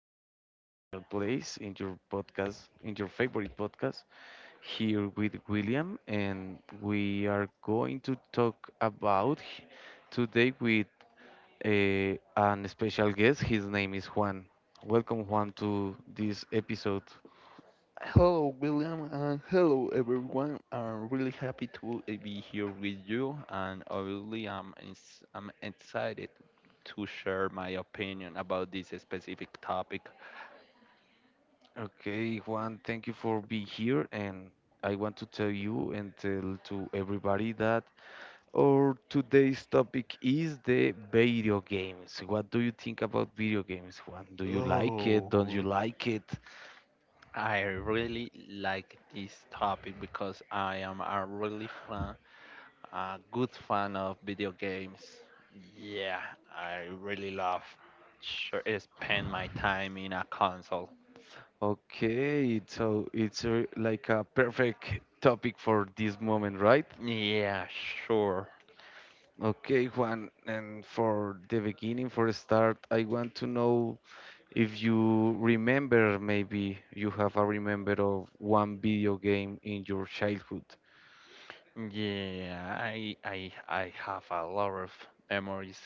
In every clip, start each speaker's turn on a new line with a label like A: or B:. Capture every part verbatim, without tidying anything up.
A: in your special place, in your podcast, in your favorite podcast, here with William, and we are going to talk about h- today with a, an special guest. His name is Juan. Welcome, Juan, to this episode.
B: Hello, William, and hello, everyone. I'm really happy to uh, be here with you, and obviously, I'm ins- I'm excited to share my opinion about this specific topic.
A: Okay, Juan, thank you for being here, and I want to tell you and tell to everybody that our today's topic is the video games. What do you think about video games, Juan? Do you like it? Don't you
B: Oh,
A: like it?
B: I really like this topic because I am a really fan, a good fan of video games. Yeah, I really love sure, spend my time in a console.
A: Okay, so it's a, like a perfect topic for this moment, right?
B: Yeah, sure.
A: Okay, Juan, and for the beginning, for a start, I want to know if you remember, maybe you have a remember of one video game in your childhood.
B: Yeah, I I I have a lot of memories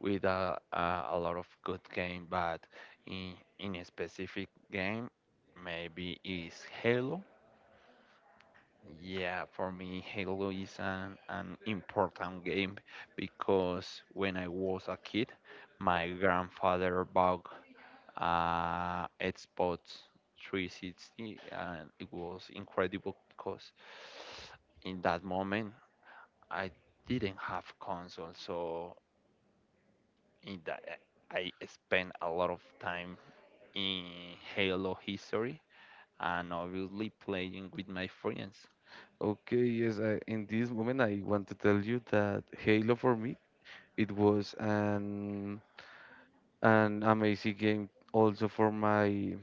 B: with a a, a lot of good game, but in in a specific game, maybe is Halo. Yeah, for me, Halo is an an important game because when I was a kid, my grandfather bought uh Xbox three sixty, and it was incredible because in that moment I didn't have console, so in that I spent a lot of time in Halo history and obviously playing with my friends.
A: Okay, yes, I, in this moment I want to tell you that Halo for me it was an an amazing game also for my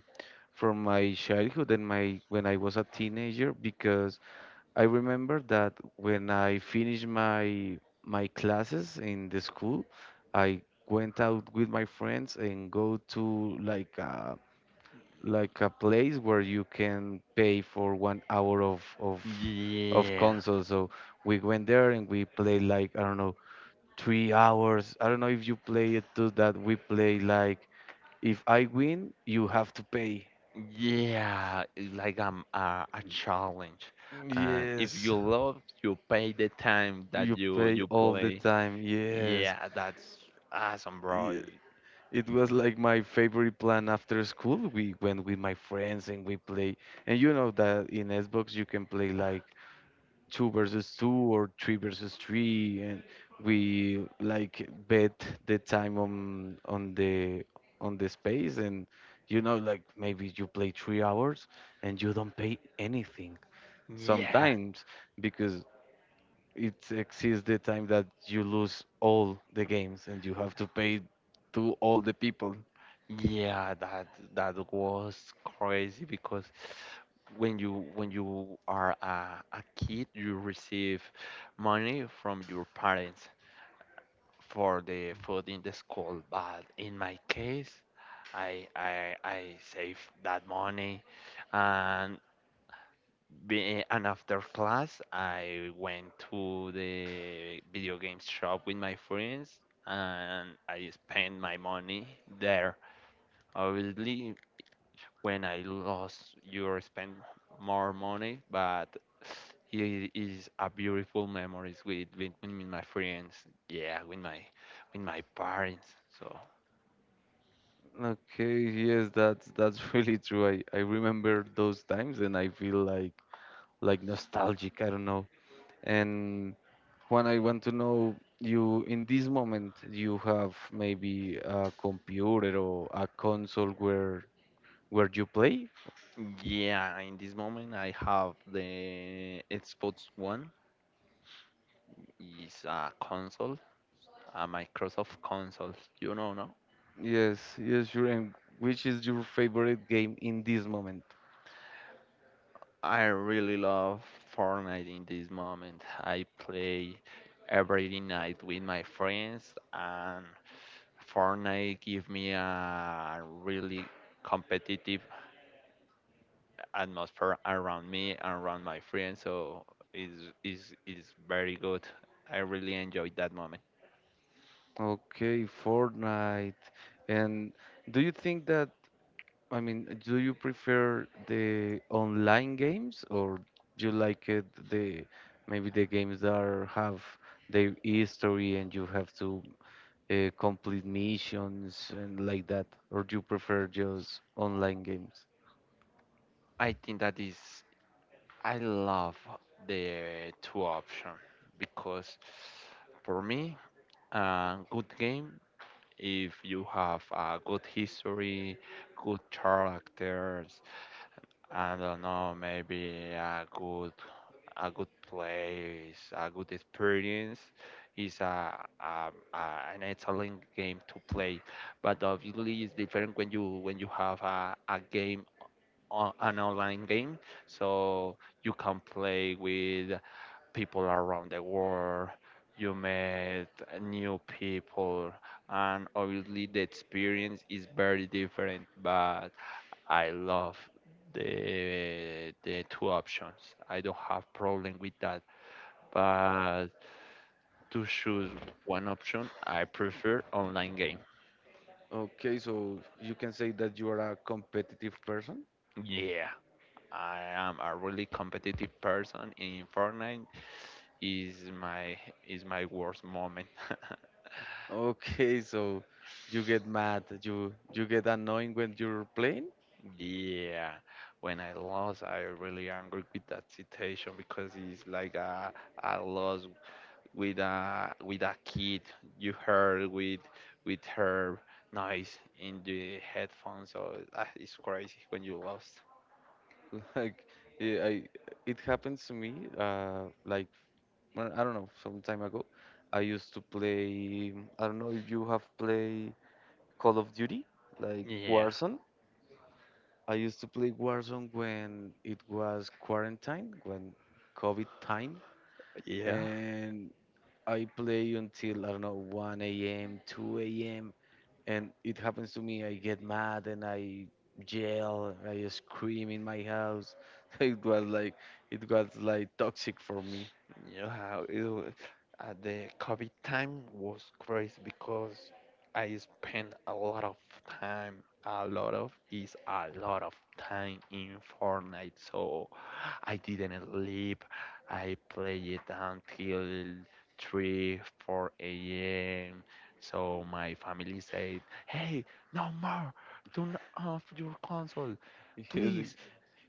A: from my childhood and my when I was a teenager because I remember that when I finished my my classes in the school, I went out with my friends and go to like a like a place where you can pay for one hour of of of
B: Yeah,
A: console. So we went there and we played like I don't know three hours. I don't know if you play it too, that we play like if I win, you have to pay.
B: yeah, it's like um, a a challenge, and if
A: Yes,
B: you love, you pay the time that
A: you
B: you
A: pay
B: you
A: all the
B: play.
A: time. Yes.
B: Yeah, that's awesome, bro.
A: Ye- It was like my favorite plan after school. We went with my friends and we play. And you know that in Xbox you can play like two versus two or three versus three, and we like bet the time on on the on the space, and you know, like maybe you play three hours and you don't pay anything
B: Yeah.
A: sometimes because it exceeds the time that you lose all the games and you have to pay to all the people.
B: Yeah, that that was crazy because when you when you are a, a kid, you receive money from your parents for the food in the school. But in my case, I I I saved that money, and be, and after class, I went to the video game shop with my friends, and I spent my money there. Obviously, when I lost you spend more money, but it is a beautiful memories with, with with my friends, yeah, with my with my parents. So
A: Okay, yes, that's that's really true. I, I remember those times and I feel like like nostalgic, I don't know. And Juan, I want to know you in this moment you have maybe a computer or a console where where you play?
B: yeah, in this moment I have the Xbox One. It's a console, a Microsoft console. You know, no?
A: Yes, yes, sure. And which is your favorite game in this moment?
B: I really love Fortnite in this moment. I play every night with my friends, and Fortnite give me a really competitive atmosphere around me and around my friends. So it's it's it's very good. I really enjoyed that moment.
A: Okay, Fortnite. And do you think that, I mean, do you prefer the online games or do you like it the maybe the games that are, have their history and you have to uh, complete missions and like that, or do you prefer just online games?
B: I think that is I love the two option because for me a good game if you have a good history, good characters, I don't know, maybe a good a good place, a good experience, is a, a, a an excellent game to play. But obviously, it's different when you when you have a, a game on an online game, so you can play with people around the world, you met new people, and obviously the experience is very different. But I love the the two options. I don't have problem with that. But to choose one option, I prefer online game.
A: Okay, so you can say that you are a competitive person.
B: Yeah. I am a really competitive person in Fortnite is my is my worst moment.
A: Okay, so you get mad, you you get annoying when you're playing.
B: Yeah, when I lost, I really angry with that situation because it's like a, a loss with a with a kid. You heard with with her noise in the headphones, so that is crazy when you lost.
A: Like eh, I, it happens to me. Uh, like well, I don't know, some time ago, I used to play. I don't know if you have played Call of Duty, like
B: Yeah,
A: Warzone. I used to play Warzone when it was quarantine, when COVID time,
B: yeah.
A: and I play until I don't know one a m, two a m. And it happens to me. I get mad and I yell. I scream in my house. It was like it was like toxic for me.
B: Yeah, it, wa- uh, the COVID time was crazy because I spent a lot of time, a lot of is a lot of time in Fortnite. So I didn't sleep. I played it until three, four a m. So my family said, "Hey, no more! Turn off your console,
A: Yes,
B: please."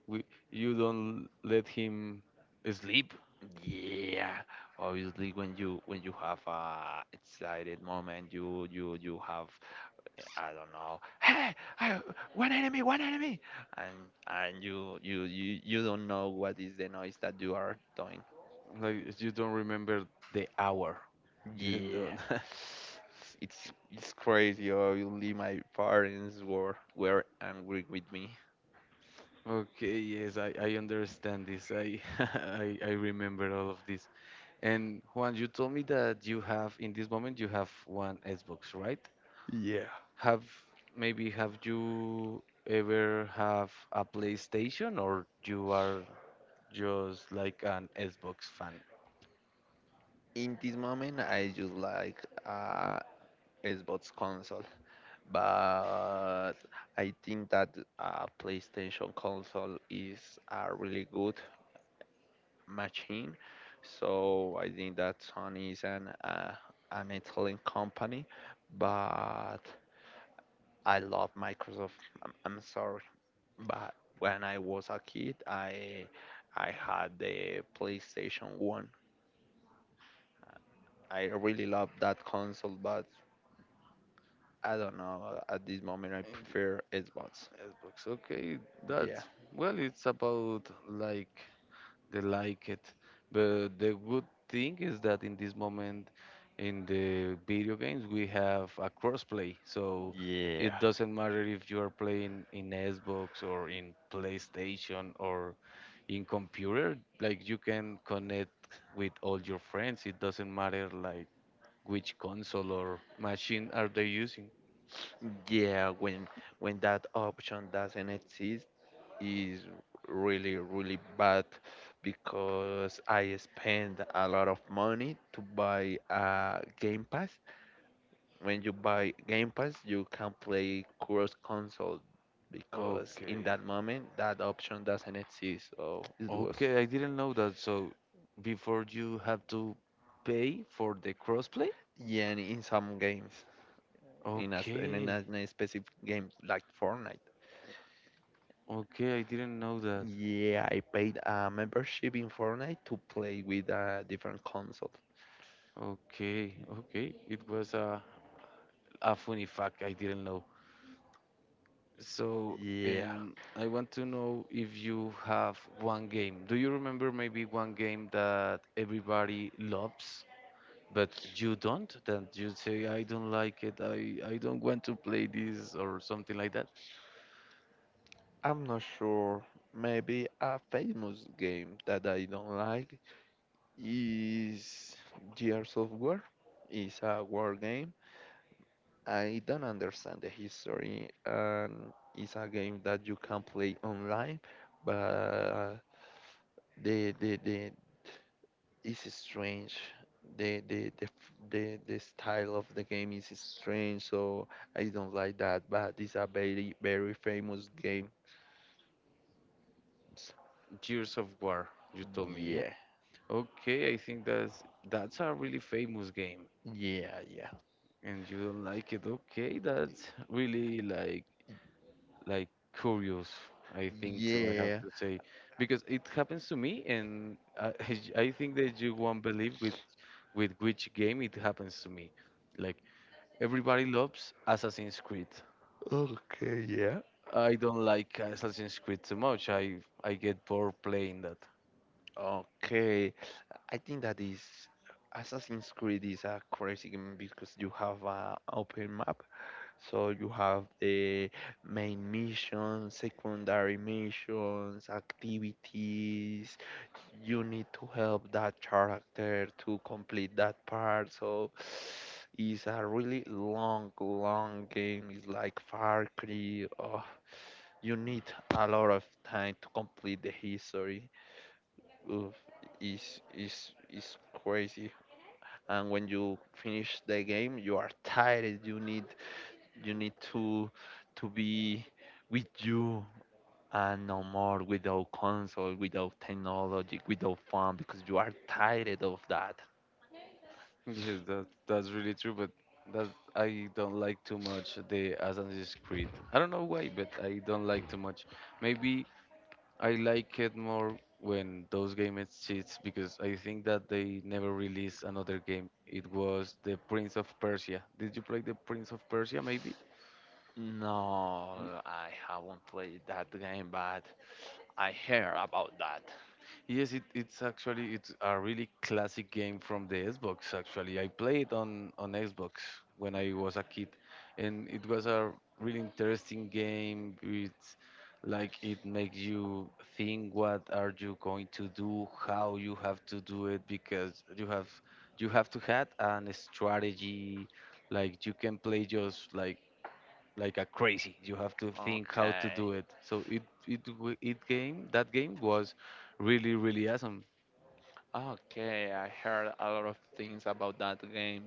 A: we- you don't let him sleep.
B: Yeah, obviously when you when you have a excited moment, you you you have eh, I don't know, hey, I, one enemy, one enemy, and and you you you you don't know what is the noise that you are doing.
A: Like you don't remember the hour. You
B: Yeah,
A: don't.
B: it's it's crazy. Obviously, my parents were were angry with me.
A: Okay, yes, I, I understand this. I, I I remember all of this. And Juan, you told me that you have in this moment you have one Xbox, right?
B: Yeah.
A: Have maybe have you ever have a PlayStation or you are just like an Xbox fan?
B: In this moment, I just like uh Xbox console. But I think that uh, PlayStation console is a really good machine. So I think that Sony is an uh, an Italian company, but I love Microsoft. I'm, I'm sorry, but when I was a kid, I I had the PlayStation One. I really love that console, but I don't know. At this moment, I
A: And
B: prefer Xbox.
A: Xbox, okay,
B: Yeah.
A: that's well, it's about like they like it. But the good thing is that in this moment in the video games we have a crossplay, so
B: Yeah.
A: it doesn't matter if you are playing in Xbox or in PlayStation or in computer. Like you can connect with all your friends. It doesn't matter like which console or machine are they using.
B: Yeah, when when that option doesn't exist is really really bad because I spend a lot of money to buy a Game Pass. When you buy Game Pass, you can play cross console because in
A: Okay.
B: that moment that option doesn't exist. So it was
A: Okay, I didn't know that. So before you have to pay for the crossplay?
B: yeah, in in some games, in a, sp- in a,
A: Okay,
B: in a specific game like Fortnite.
A: okay, I didn't know that.
B: Yeah, I paid a membership in Fortnite to play with a different console.
A: Okay, okay, it was a, a funny fact I didn't know. So,
B: Yeah,
A: um, I want to know if you have one game. Do you remember maybe one game that everybody loves, but you don't? That you say, I don't like it, I, I don't want to play this, or something like that?
B: I'm not sure. Maybe a famous game that I don't like is Gears of War. It's a war game. I don't understand the history, and it's a game that you can play online, but the the the it's strange. The the the f- the the style of the game is strange, so I don't like that. But it's a very very famous game. S-
A: Gears of War, you told me, yeah?
B: Yeah,
A: Okay, I think that's that's a really famous game.
B: yeah, yeah,
A: And you don't like it. Okay, that's really like like curious. I think so. I have
B: yeah.
A: to say because it happens to me, and I, I think that you won't believe with with which game it happens to me. Like everybody loves Assassin's Creed.
B: Okay, yeah.
A: I don't like Assassin's Creed so much. I I get bored playing that.
B: Okay, I think that is Assassin's Creed is a crazy game because you have an open map. So you have the main mission, secondary missions, activities. You need to help that character to complete that part. So it's a really long, long game. It's like Far Cry. Oh, you need a lot of time to complete the history. Oof, it's, it's, it's crazy. And when you finish the game, you are tired. You need you need to to be with you and no more without console, without technology, without fun because you are tired of that.
A: Yes, that that's really true, but that I don't like too much the Assassin's Creed. I don't know why, but I don't like too much. Maybe I like it more when those game exists because I think that they never released another game. It was the Prince of Persia. Did you play the Prince of Persia maybe? Hmm.
B: No, I haven't played that game, but I hear about that.
A: Yes, it, it's actually it's a really classic game from the Xbox. Actually, I played on on Xbox when I was a kid, and it was a really interesting game. It's like it makes you think what are you going to do, how you have to do it, because you have you have to have an strategy. Like you can play just like like a crazy. You have to think how to
B: Okay.
A: do it. So it it w- it game that game was really really awesome.
B: Okay, I heard a lot of things about that game.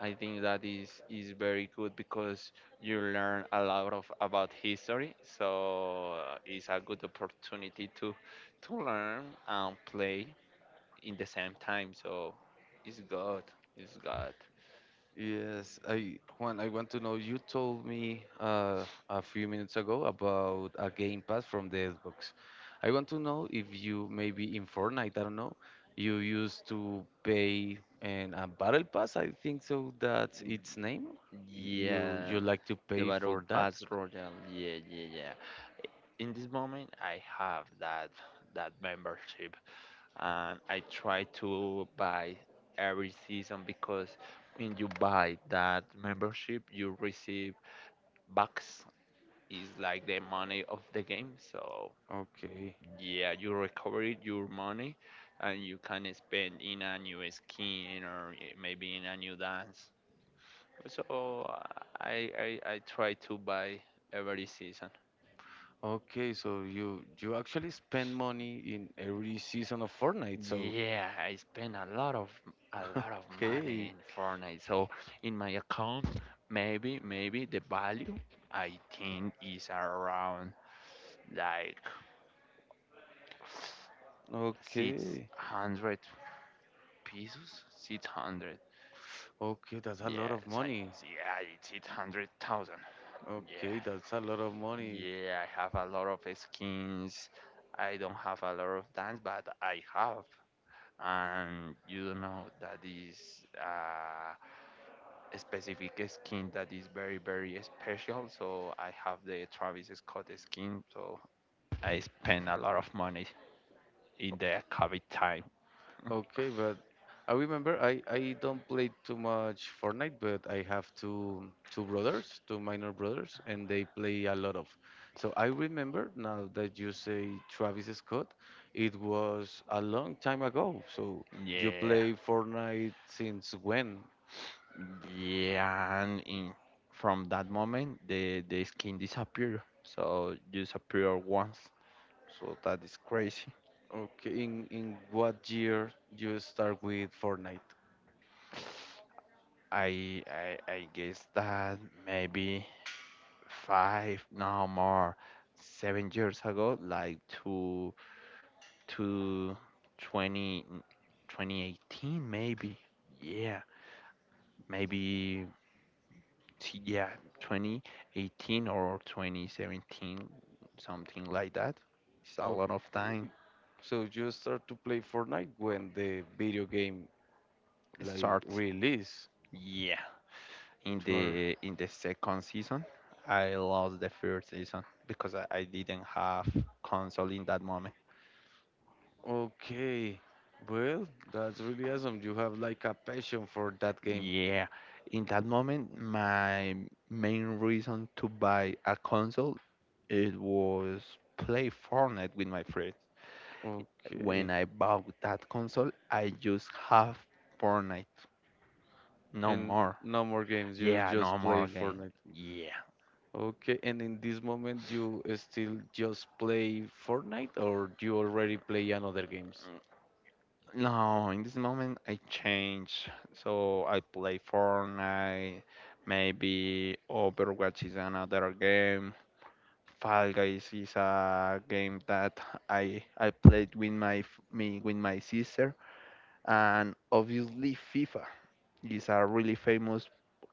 B: I think that is is very good because you learn a lot of about history. So uh, it's a good opportunity to to learn and play in the same time. So it's good. It's good.
A: Yes, I Juan, I want to know. You told me uh, a few minutes ago about a game pass from the Xbox. I want to know if you maybe in Fortnite, I don't know, you used to pay and a battle pass. I think so. That's its name. You
B: Yeah,
A: you like to
B: the
A: pay
B: battle
A: for that?
B: pass royal. Yeah, yeah, yeah. In this moment, I have that that membership, and I try to buy every season because when you buy that membership, you receive bucks is like the money of the game. So
A: Okay.
B: yeah, you recover it, your money and you can spend in a new skin or i- maybe in a new dance. So I I, I try to buy every season.
A: Okay, so you you actually spend money in every season of Fortnite. So,
B: Yeah, I spend a lot of a lot of money
A: okay,
B: in Fortnite. So in my account, maybe maybe the value I think is around like six
A: okay,
B: hundred. pesos? six hundred.
A: okay, that's a lot
B: Yeah,
A: of
B: it's like,
A: money.
B: it's- yeah, it's eight hundred thousand. Yeah,
A: Okay, that's a lot of money.
B: yeah, I have a lot of skins. I don't have a lot of dance, but I have. And you don't know that is uh, a specific skin that is very, very special. So I have the Travis Scott skin. So I spend a lot of money in the COVID time.
A: Okay, but I remember I I don't play too much Fortnite, but I have two two brothers, two minor brothers, and they play a lot of. So I remember now that you say Travis Scott, it was a long time ago. So you
B: Yeah.
A: play Fortnite since when?
B: Yeah, and in from that moment, the the skin disappear. So you disappear once. So that is crazy.
A: Okay, in in what year you start with Fortnite?
B: I I I guess that maybe five, no more, seven years ago, like to to twenty twenty eighteen maybe. Yeah, maybe t- yeah, twenty eighteen or twenty seventeen, something like that. It's a lot of
A: Okay,
B: time.
A: so you start to play Fortnite when the video game like
B: Start
A: release.
B: yeah in
A: You are
B: the in the second season I lost the first season because i, I didn't have console in that moment.
A: okay. Well, that's really awesome. You have like a passion for that game.
B: Yeah, in that moment my main reason to buy a console it was play Fortnite with my friends. When
A: Okay,
B: I bought that console I just have Fortnite no
A: and
B: more.
A: no more games. You
B: Yeah no
A: just
B: more
A: play
B: game,
A: Fortnite.
B: yeah.
A: Okay, and in this moment you still just play Fortnite, or you already play another games?
B: No, in this moment I change. So I play Fortnite, maybe Overwatch is another game. Fall Guys is a game that I I played with my f- me with my sister, and obviously FIFA is a really famous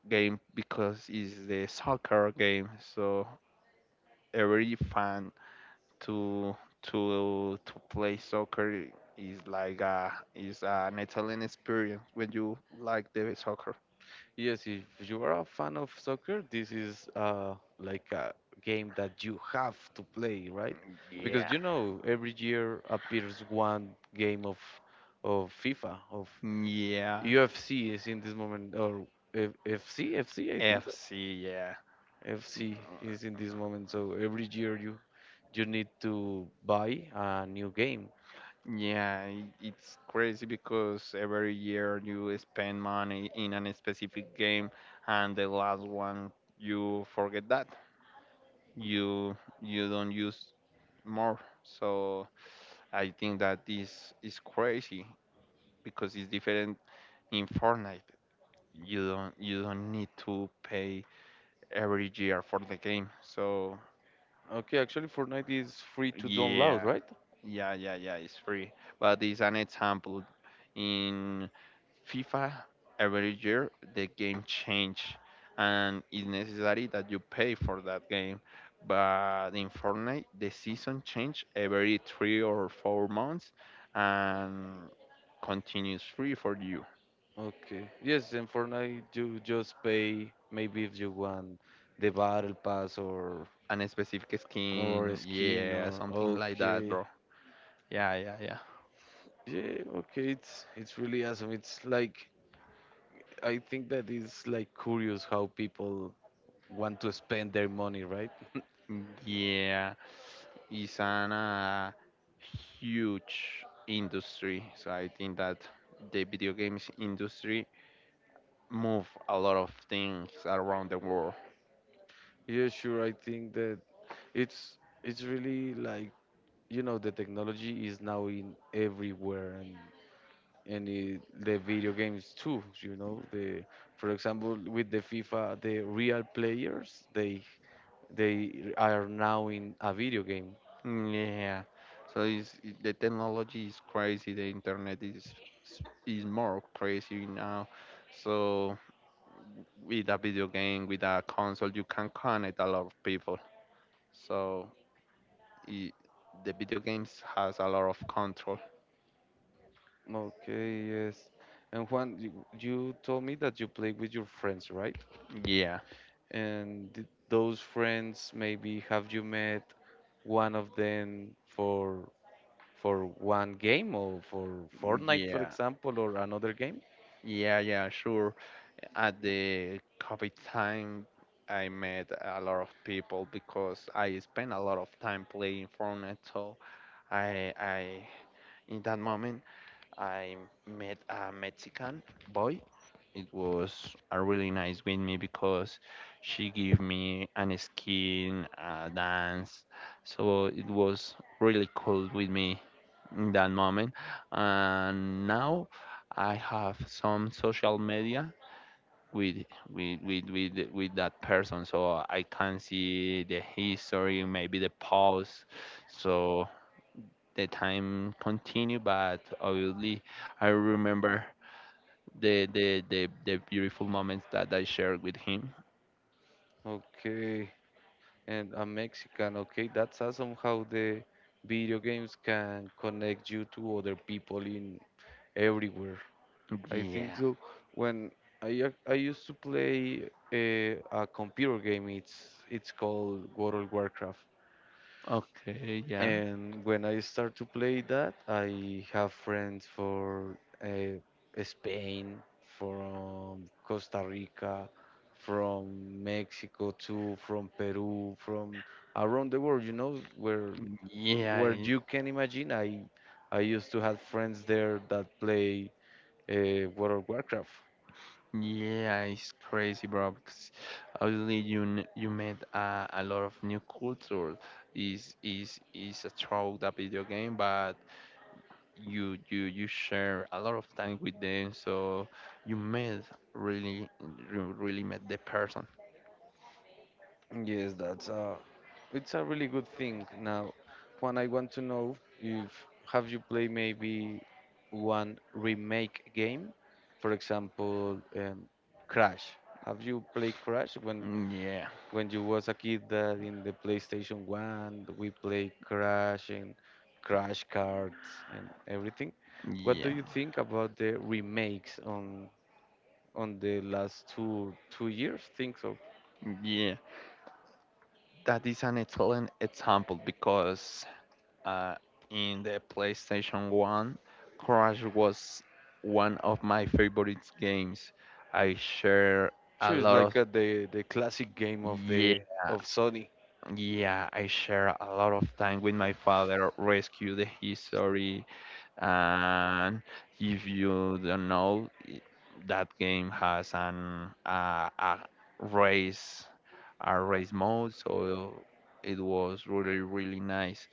B: game because it's the soccer game. So every fan to to to play soccer is like a is an Italian experience when you like the soccer.
A: Yes, if you are a fan of soccer, this is uh, like a game that you have to play, right? Because
B: Yeah,
A: you know every year appears one game of of FIFA, of
B: yeah.
A: U F C is in this moment, or F FC, F C, I think so.
B: F C, yeah.
A: F C is in this moment, so every year you you need to buy a new game.
B: Yeah, i- it's crazy because every year you spend money in a specific game and the last one you forget that. You you don't use more. So I think that this is crazy because it's different in Fortnite, you don't you don't need to pay every year for the game. So
A: Okay, actually Fortnite is free to download,
B: yeah,
A: right?
B: yeah, yeah, yeah, it's free. But it's an example. In FIFA, every year the game change, and it's necessary that you pay for that game. But in Fortnite, the season change every three or four months, and continues free for you.
A: Okay. Yes, in Fortnite you just pay maybe if you want the battle pass or
B: An specific
A: or a
B: skin,
A: skin
B: yeah,
A: or
B: something like that.
A: okay.
B: Yeah, yeah,
A: Yeah, okay, it's it's really awesome. It's like I think that is like curious how people want to spend their money, right?
B: yeah. Yeah, it's an uh, huge industry. So I think that the video games industry move a lot of things around the world.
A: Yeah, sure. I think that it's it's really like you know the technology is now in everywhere and and it, the video games too you know the for example with the FIFA the real players they they are now in a video game.
B: Yeah. So it's, it- the technology is crazy. The internet is is is more crazy now. So with a video game, with a console, you can connect a lot of people. So it, the video games has a lot of control.
A: Okay, yes. And Juan, you, you told me that you play with your friends, right?
B: Yeah.
A: And th- those friends maybe have you met one of them for for one game or for
B: Mm,
A: Fortnite for
B: yeah,
A: example or another game.
B: yeah, yeah, sure. At the COVID time, I met a lot of people because I spent a lot of time playing Fortnite. So I, I, in that moment, I met a Mexican boy. It was a really nice with me because she gave me an skin, a dance, so it was really cool with me in that moment. And now I have some social media with with with with, with that person, so I can see the history, maybe the pause, so the time continue. But obviously I remember the the the, the beautiful moments that I shared with him.
A: Okay. And I'm Mexican. Okay, that's awesome how the video games can connect you to other people in everywhere. I think
B: Yeah.
A: so. When I ac- I used to play a, a computer game, it's it's called World of Warcraft.
B: Okay. Yeah.
A: And when I start to play that, I have friends for uh, Spain, from Costa Rica, from Mexico too, from Peru, from around the world. You know, where
B: Yeah.
A: where
B: it-
A: you can imagine. I I used to have friends there that play uh, World of Warcraft.
B: Yeah. It's crazy, bro. Because obviously you n- you met a, a lot of new culture. Is is is a through that video game, but you you you share a lot of time with them, so you met really you really met the person.
A: Yes, that's a, it's a really good thing. Now, Juan, I want to know if have you played maybe one remake game, for example, um, Crash. Have you played Crash when
B: Mm, yeah.
A: when you was a kid that in the PlayStation one we play Crash and Crash cards and everything? What do
B: Yeah.
A: you think about the remakes on on the last two two years? Think so.
B: Yeah. That is an excellent example because uh, in the PlayStation one, Crash was one of my favorite games. I share a
A: Sure, it's
B: lot of
A: like uh, the the classic game of
B: Yeah,
A: the of Sony.
B: yeah, I share a lot of time with my father, rescue the history. And if you don't know, i- that game has an uh, a race, our race mode. So it was really, really nice.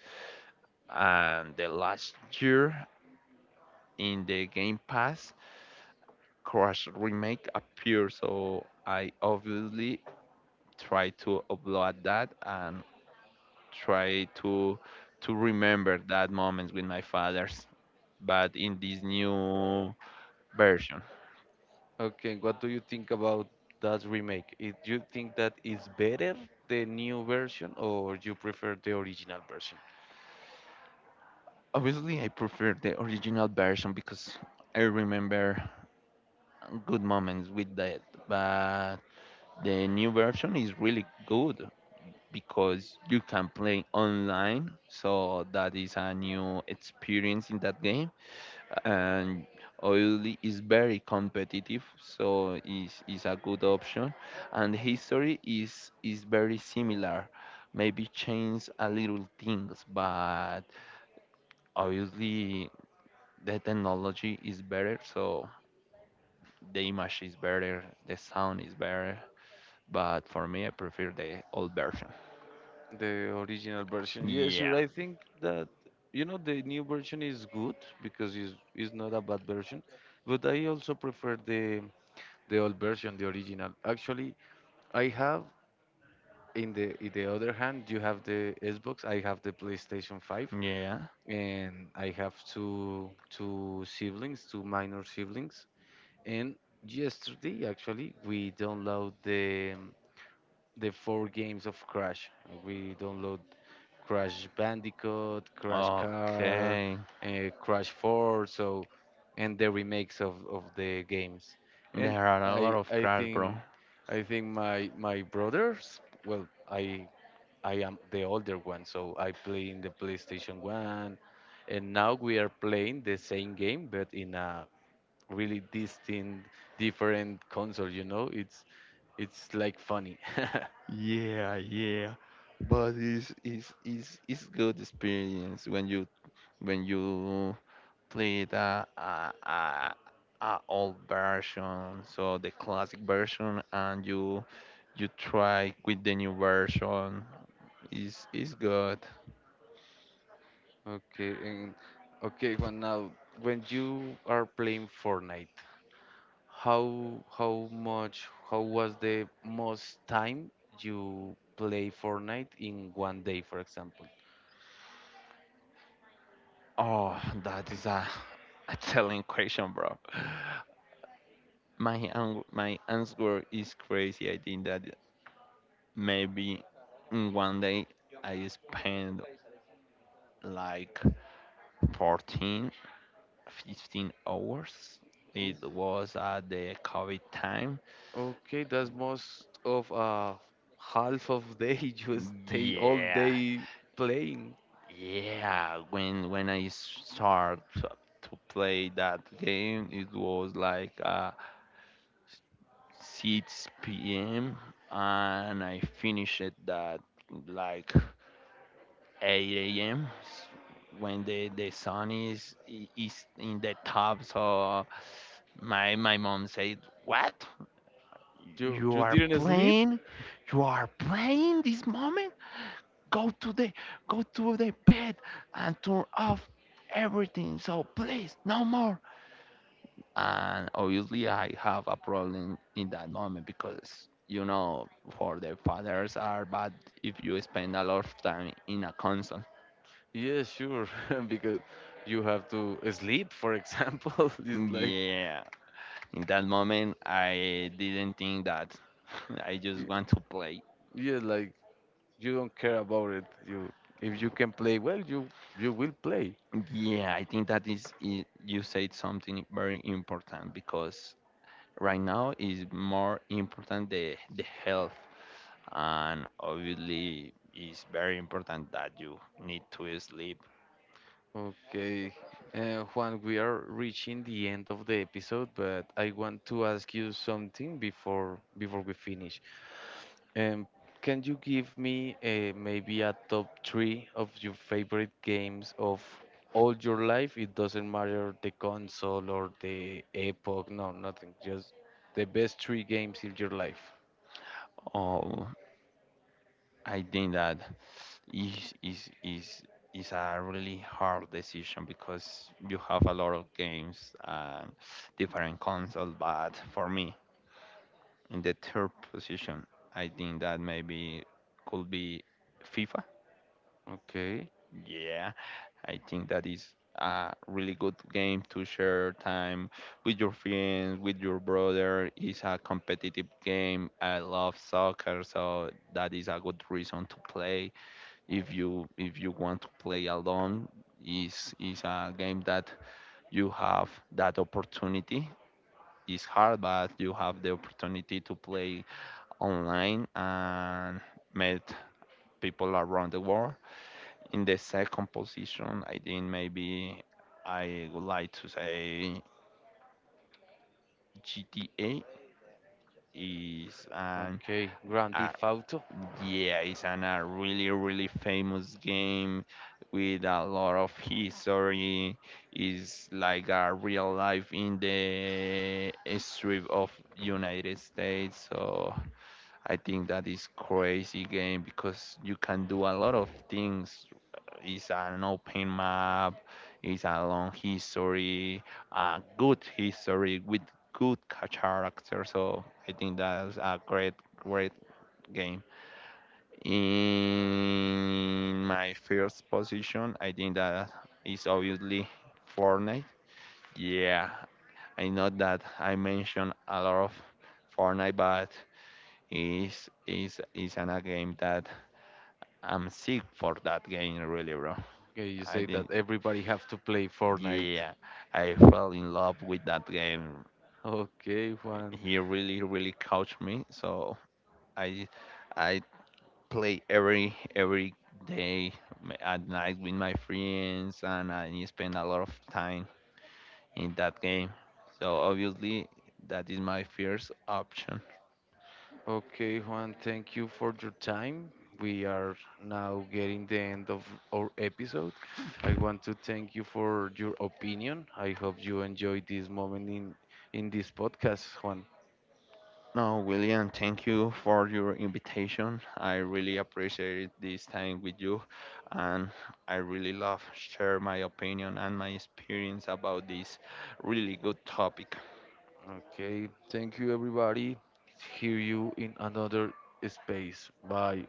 B: And the last year in the Game Pass, Crash Remake appeared. So I obviously try to upload that and try to to remember that moments with my fathers. But in this new version,
A: Okay, what do you think about that remake? It, you think that is better the new version, or you prefer the original version?
B: obviously I prefer the original version because I remember good moments with that. But the new version is really good because you can play online, so that is a new experience in that game. And Oily is very competitive, so is is a good option. And history is is very similar, maybe change a little things, but obviously the technology is better, so the image is better, the sound is better. But for me, I prefer the old version.
A: The original version, yeah,
B: Yeah.
A: sure. I think that you know the new version is good because it's it's not a bad version, but I also prefer the the old version, the original. Actually, I have in the in the other hand, you have the Xbox, I have the PlayStation five.
B: Yeah.
A: And I have two two siblings, two minor siblings. And yesterday, actually, we download the um, the four games of Crash. We download Crash Bandicoot, Crash Car,
B: Okay.
A: uh, Crash four, so and the remakes of, of the games. And
B: There are a lot
A: I
B: of
A: I
B: cars, bro.
A: think I think my my brothers. Well, I I am the older one, so I play in the PlayStation one. And now we are playing the same game, but in a really distinct, different console, you know? It's it's like funny.
B: Yeah, yeah. But it's it's it's it's good experience when you when you play the uh, uh, uh, old version, so the classic version, and you you try with the new version. Is is good.
A: Okay, and okay, well now when you are playing Fortnite, how how much how was the most time you play Fortnite in one day, for example?
B: Oh, that is a, a telling question, bro. My an- my answer is crazy. I think that maybe in one day I spend like fourteen, fifteen hours. It was at the COVID time.
A: Okay, that's most of uh half of day you stay all
B: Yeah,
A: day playing.
B: yeah. When when I start to to play that game, it was like uh, six p m And I finished it that like eight a m when the, the sun is is in the top. So my my mom said, "What?
A: You
B: You
A: you
B: are
A: didn't sleep?
B: playing? You are playing this moment? Go to the Go to the bed and turn off everything. So please, no more." And obviously, I have a problem in that moment, because. You know, for the fathers are bad if you spend a lot of time in a console.
A: Yeah, sure, because you have to sleep, for example. It's like
B: Yeah. In that moment, I didn't think that. I just
A: y-
B: want to play.
A: yeah, like you don't care about it. You if you can play well, you you will play.
B: Yeah, I think that is i- you said something very important, because right now is more important the the health, and obviously it's very important that you need to sleep.
A: Okay. Uh, Juan, we are reaching the end of the episode, but I want to ask you something before before we finish. Um, can you give me uh, maybe a top three of your favorite games of all your life? It doesn't matter the console or the epoch, no, nothing. Just the best three games in your life.
B: Oh, I think that is is is is a really hard decision because you have a lot of games and different consoles. But for me, in the third position, I think that maybe could be FIFA.
A: Okay.
B: Yeah, I think that is a really good game to share time with your friends, with your brother. It's a competitive game. I love soccer, so that is a good reason to play. If you if you want to play alone, is is a game that you have that opportunity. It's hard, but you have the opportunity to play online and met people around the world. In the second position, I think maybe I would like to say G T A. is an
A: Okay, Grand
B: a,
A: Theft Auto.
B: yeah, it's an, a really really famous game with a lot of history. It's like a real life in the strip of United States. So I think that is crazy game because you can do a lot of things. It's an open map, it's a long history, a good history with good ca- character. So I think that's a great, great game. In my first position, I think that is obviously Fortnite. Yeah, I know that I mentioned a lot of Fortnite, but is is is an a game that I'm sick for that game, really, bro.
A: Okay, you
B: I
A: say that
B: didn't.
A: everybody have to play Fortnite.
B: Yeah, I fell in love with that game.
A: Okay, Juan.
B: He really, really coached me. So I, I play every every day, m- at night with my friends, and I spend a lot of time in that game. So obviously, that is my first option.
A: Okay, Juan, thank you for your time. We are now getting the end of our episode. I want to thank you for your opinion. I hope you enjoyed this moment in in this podcast, Juan.
B: No, William, thank you for your invitation. I really appreciate this time with you, and I really love share my opinion and my experience about this really good topic.
A: Okay, thank you everybody. Hear you in another space. Bye.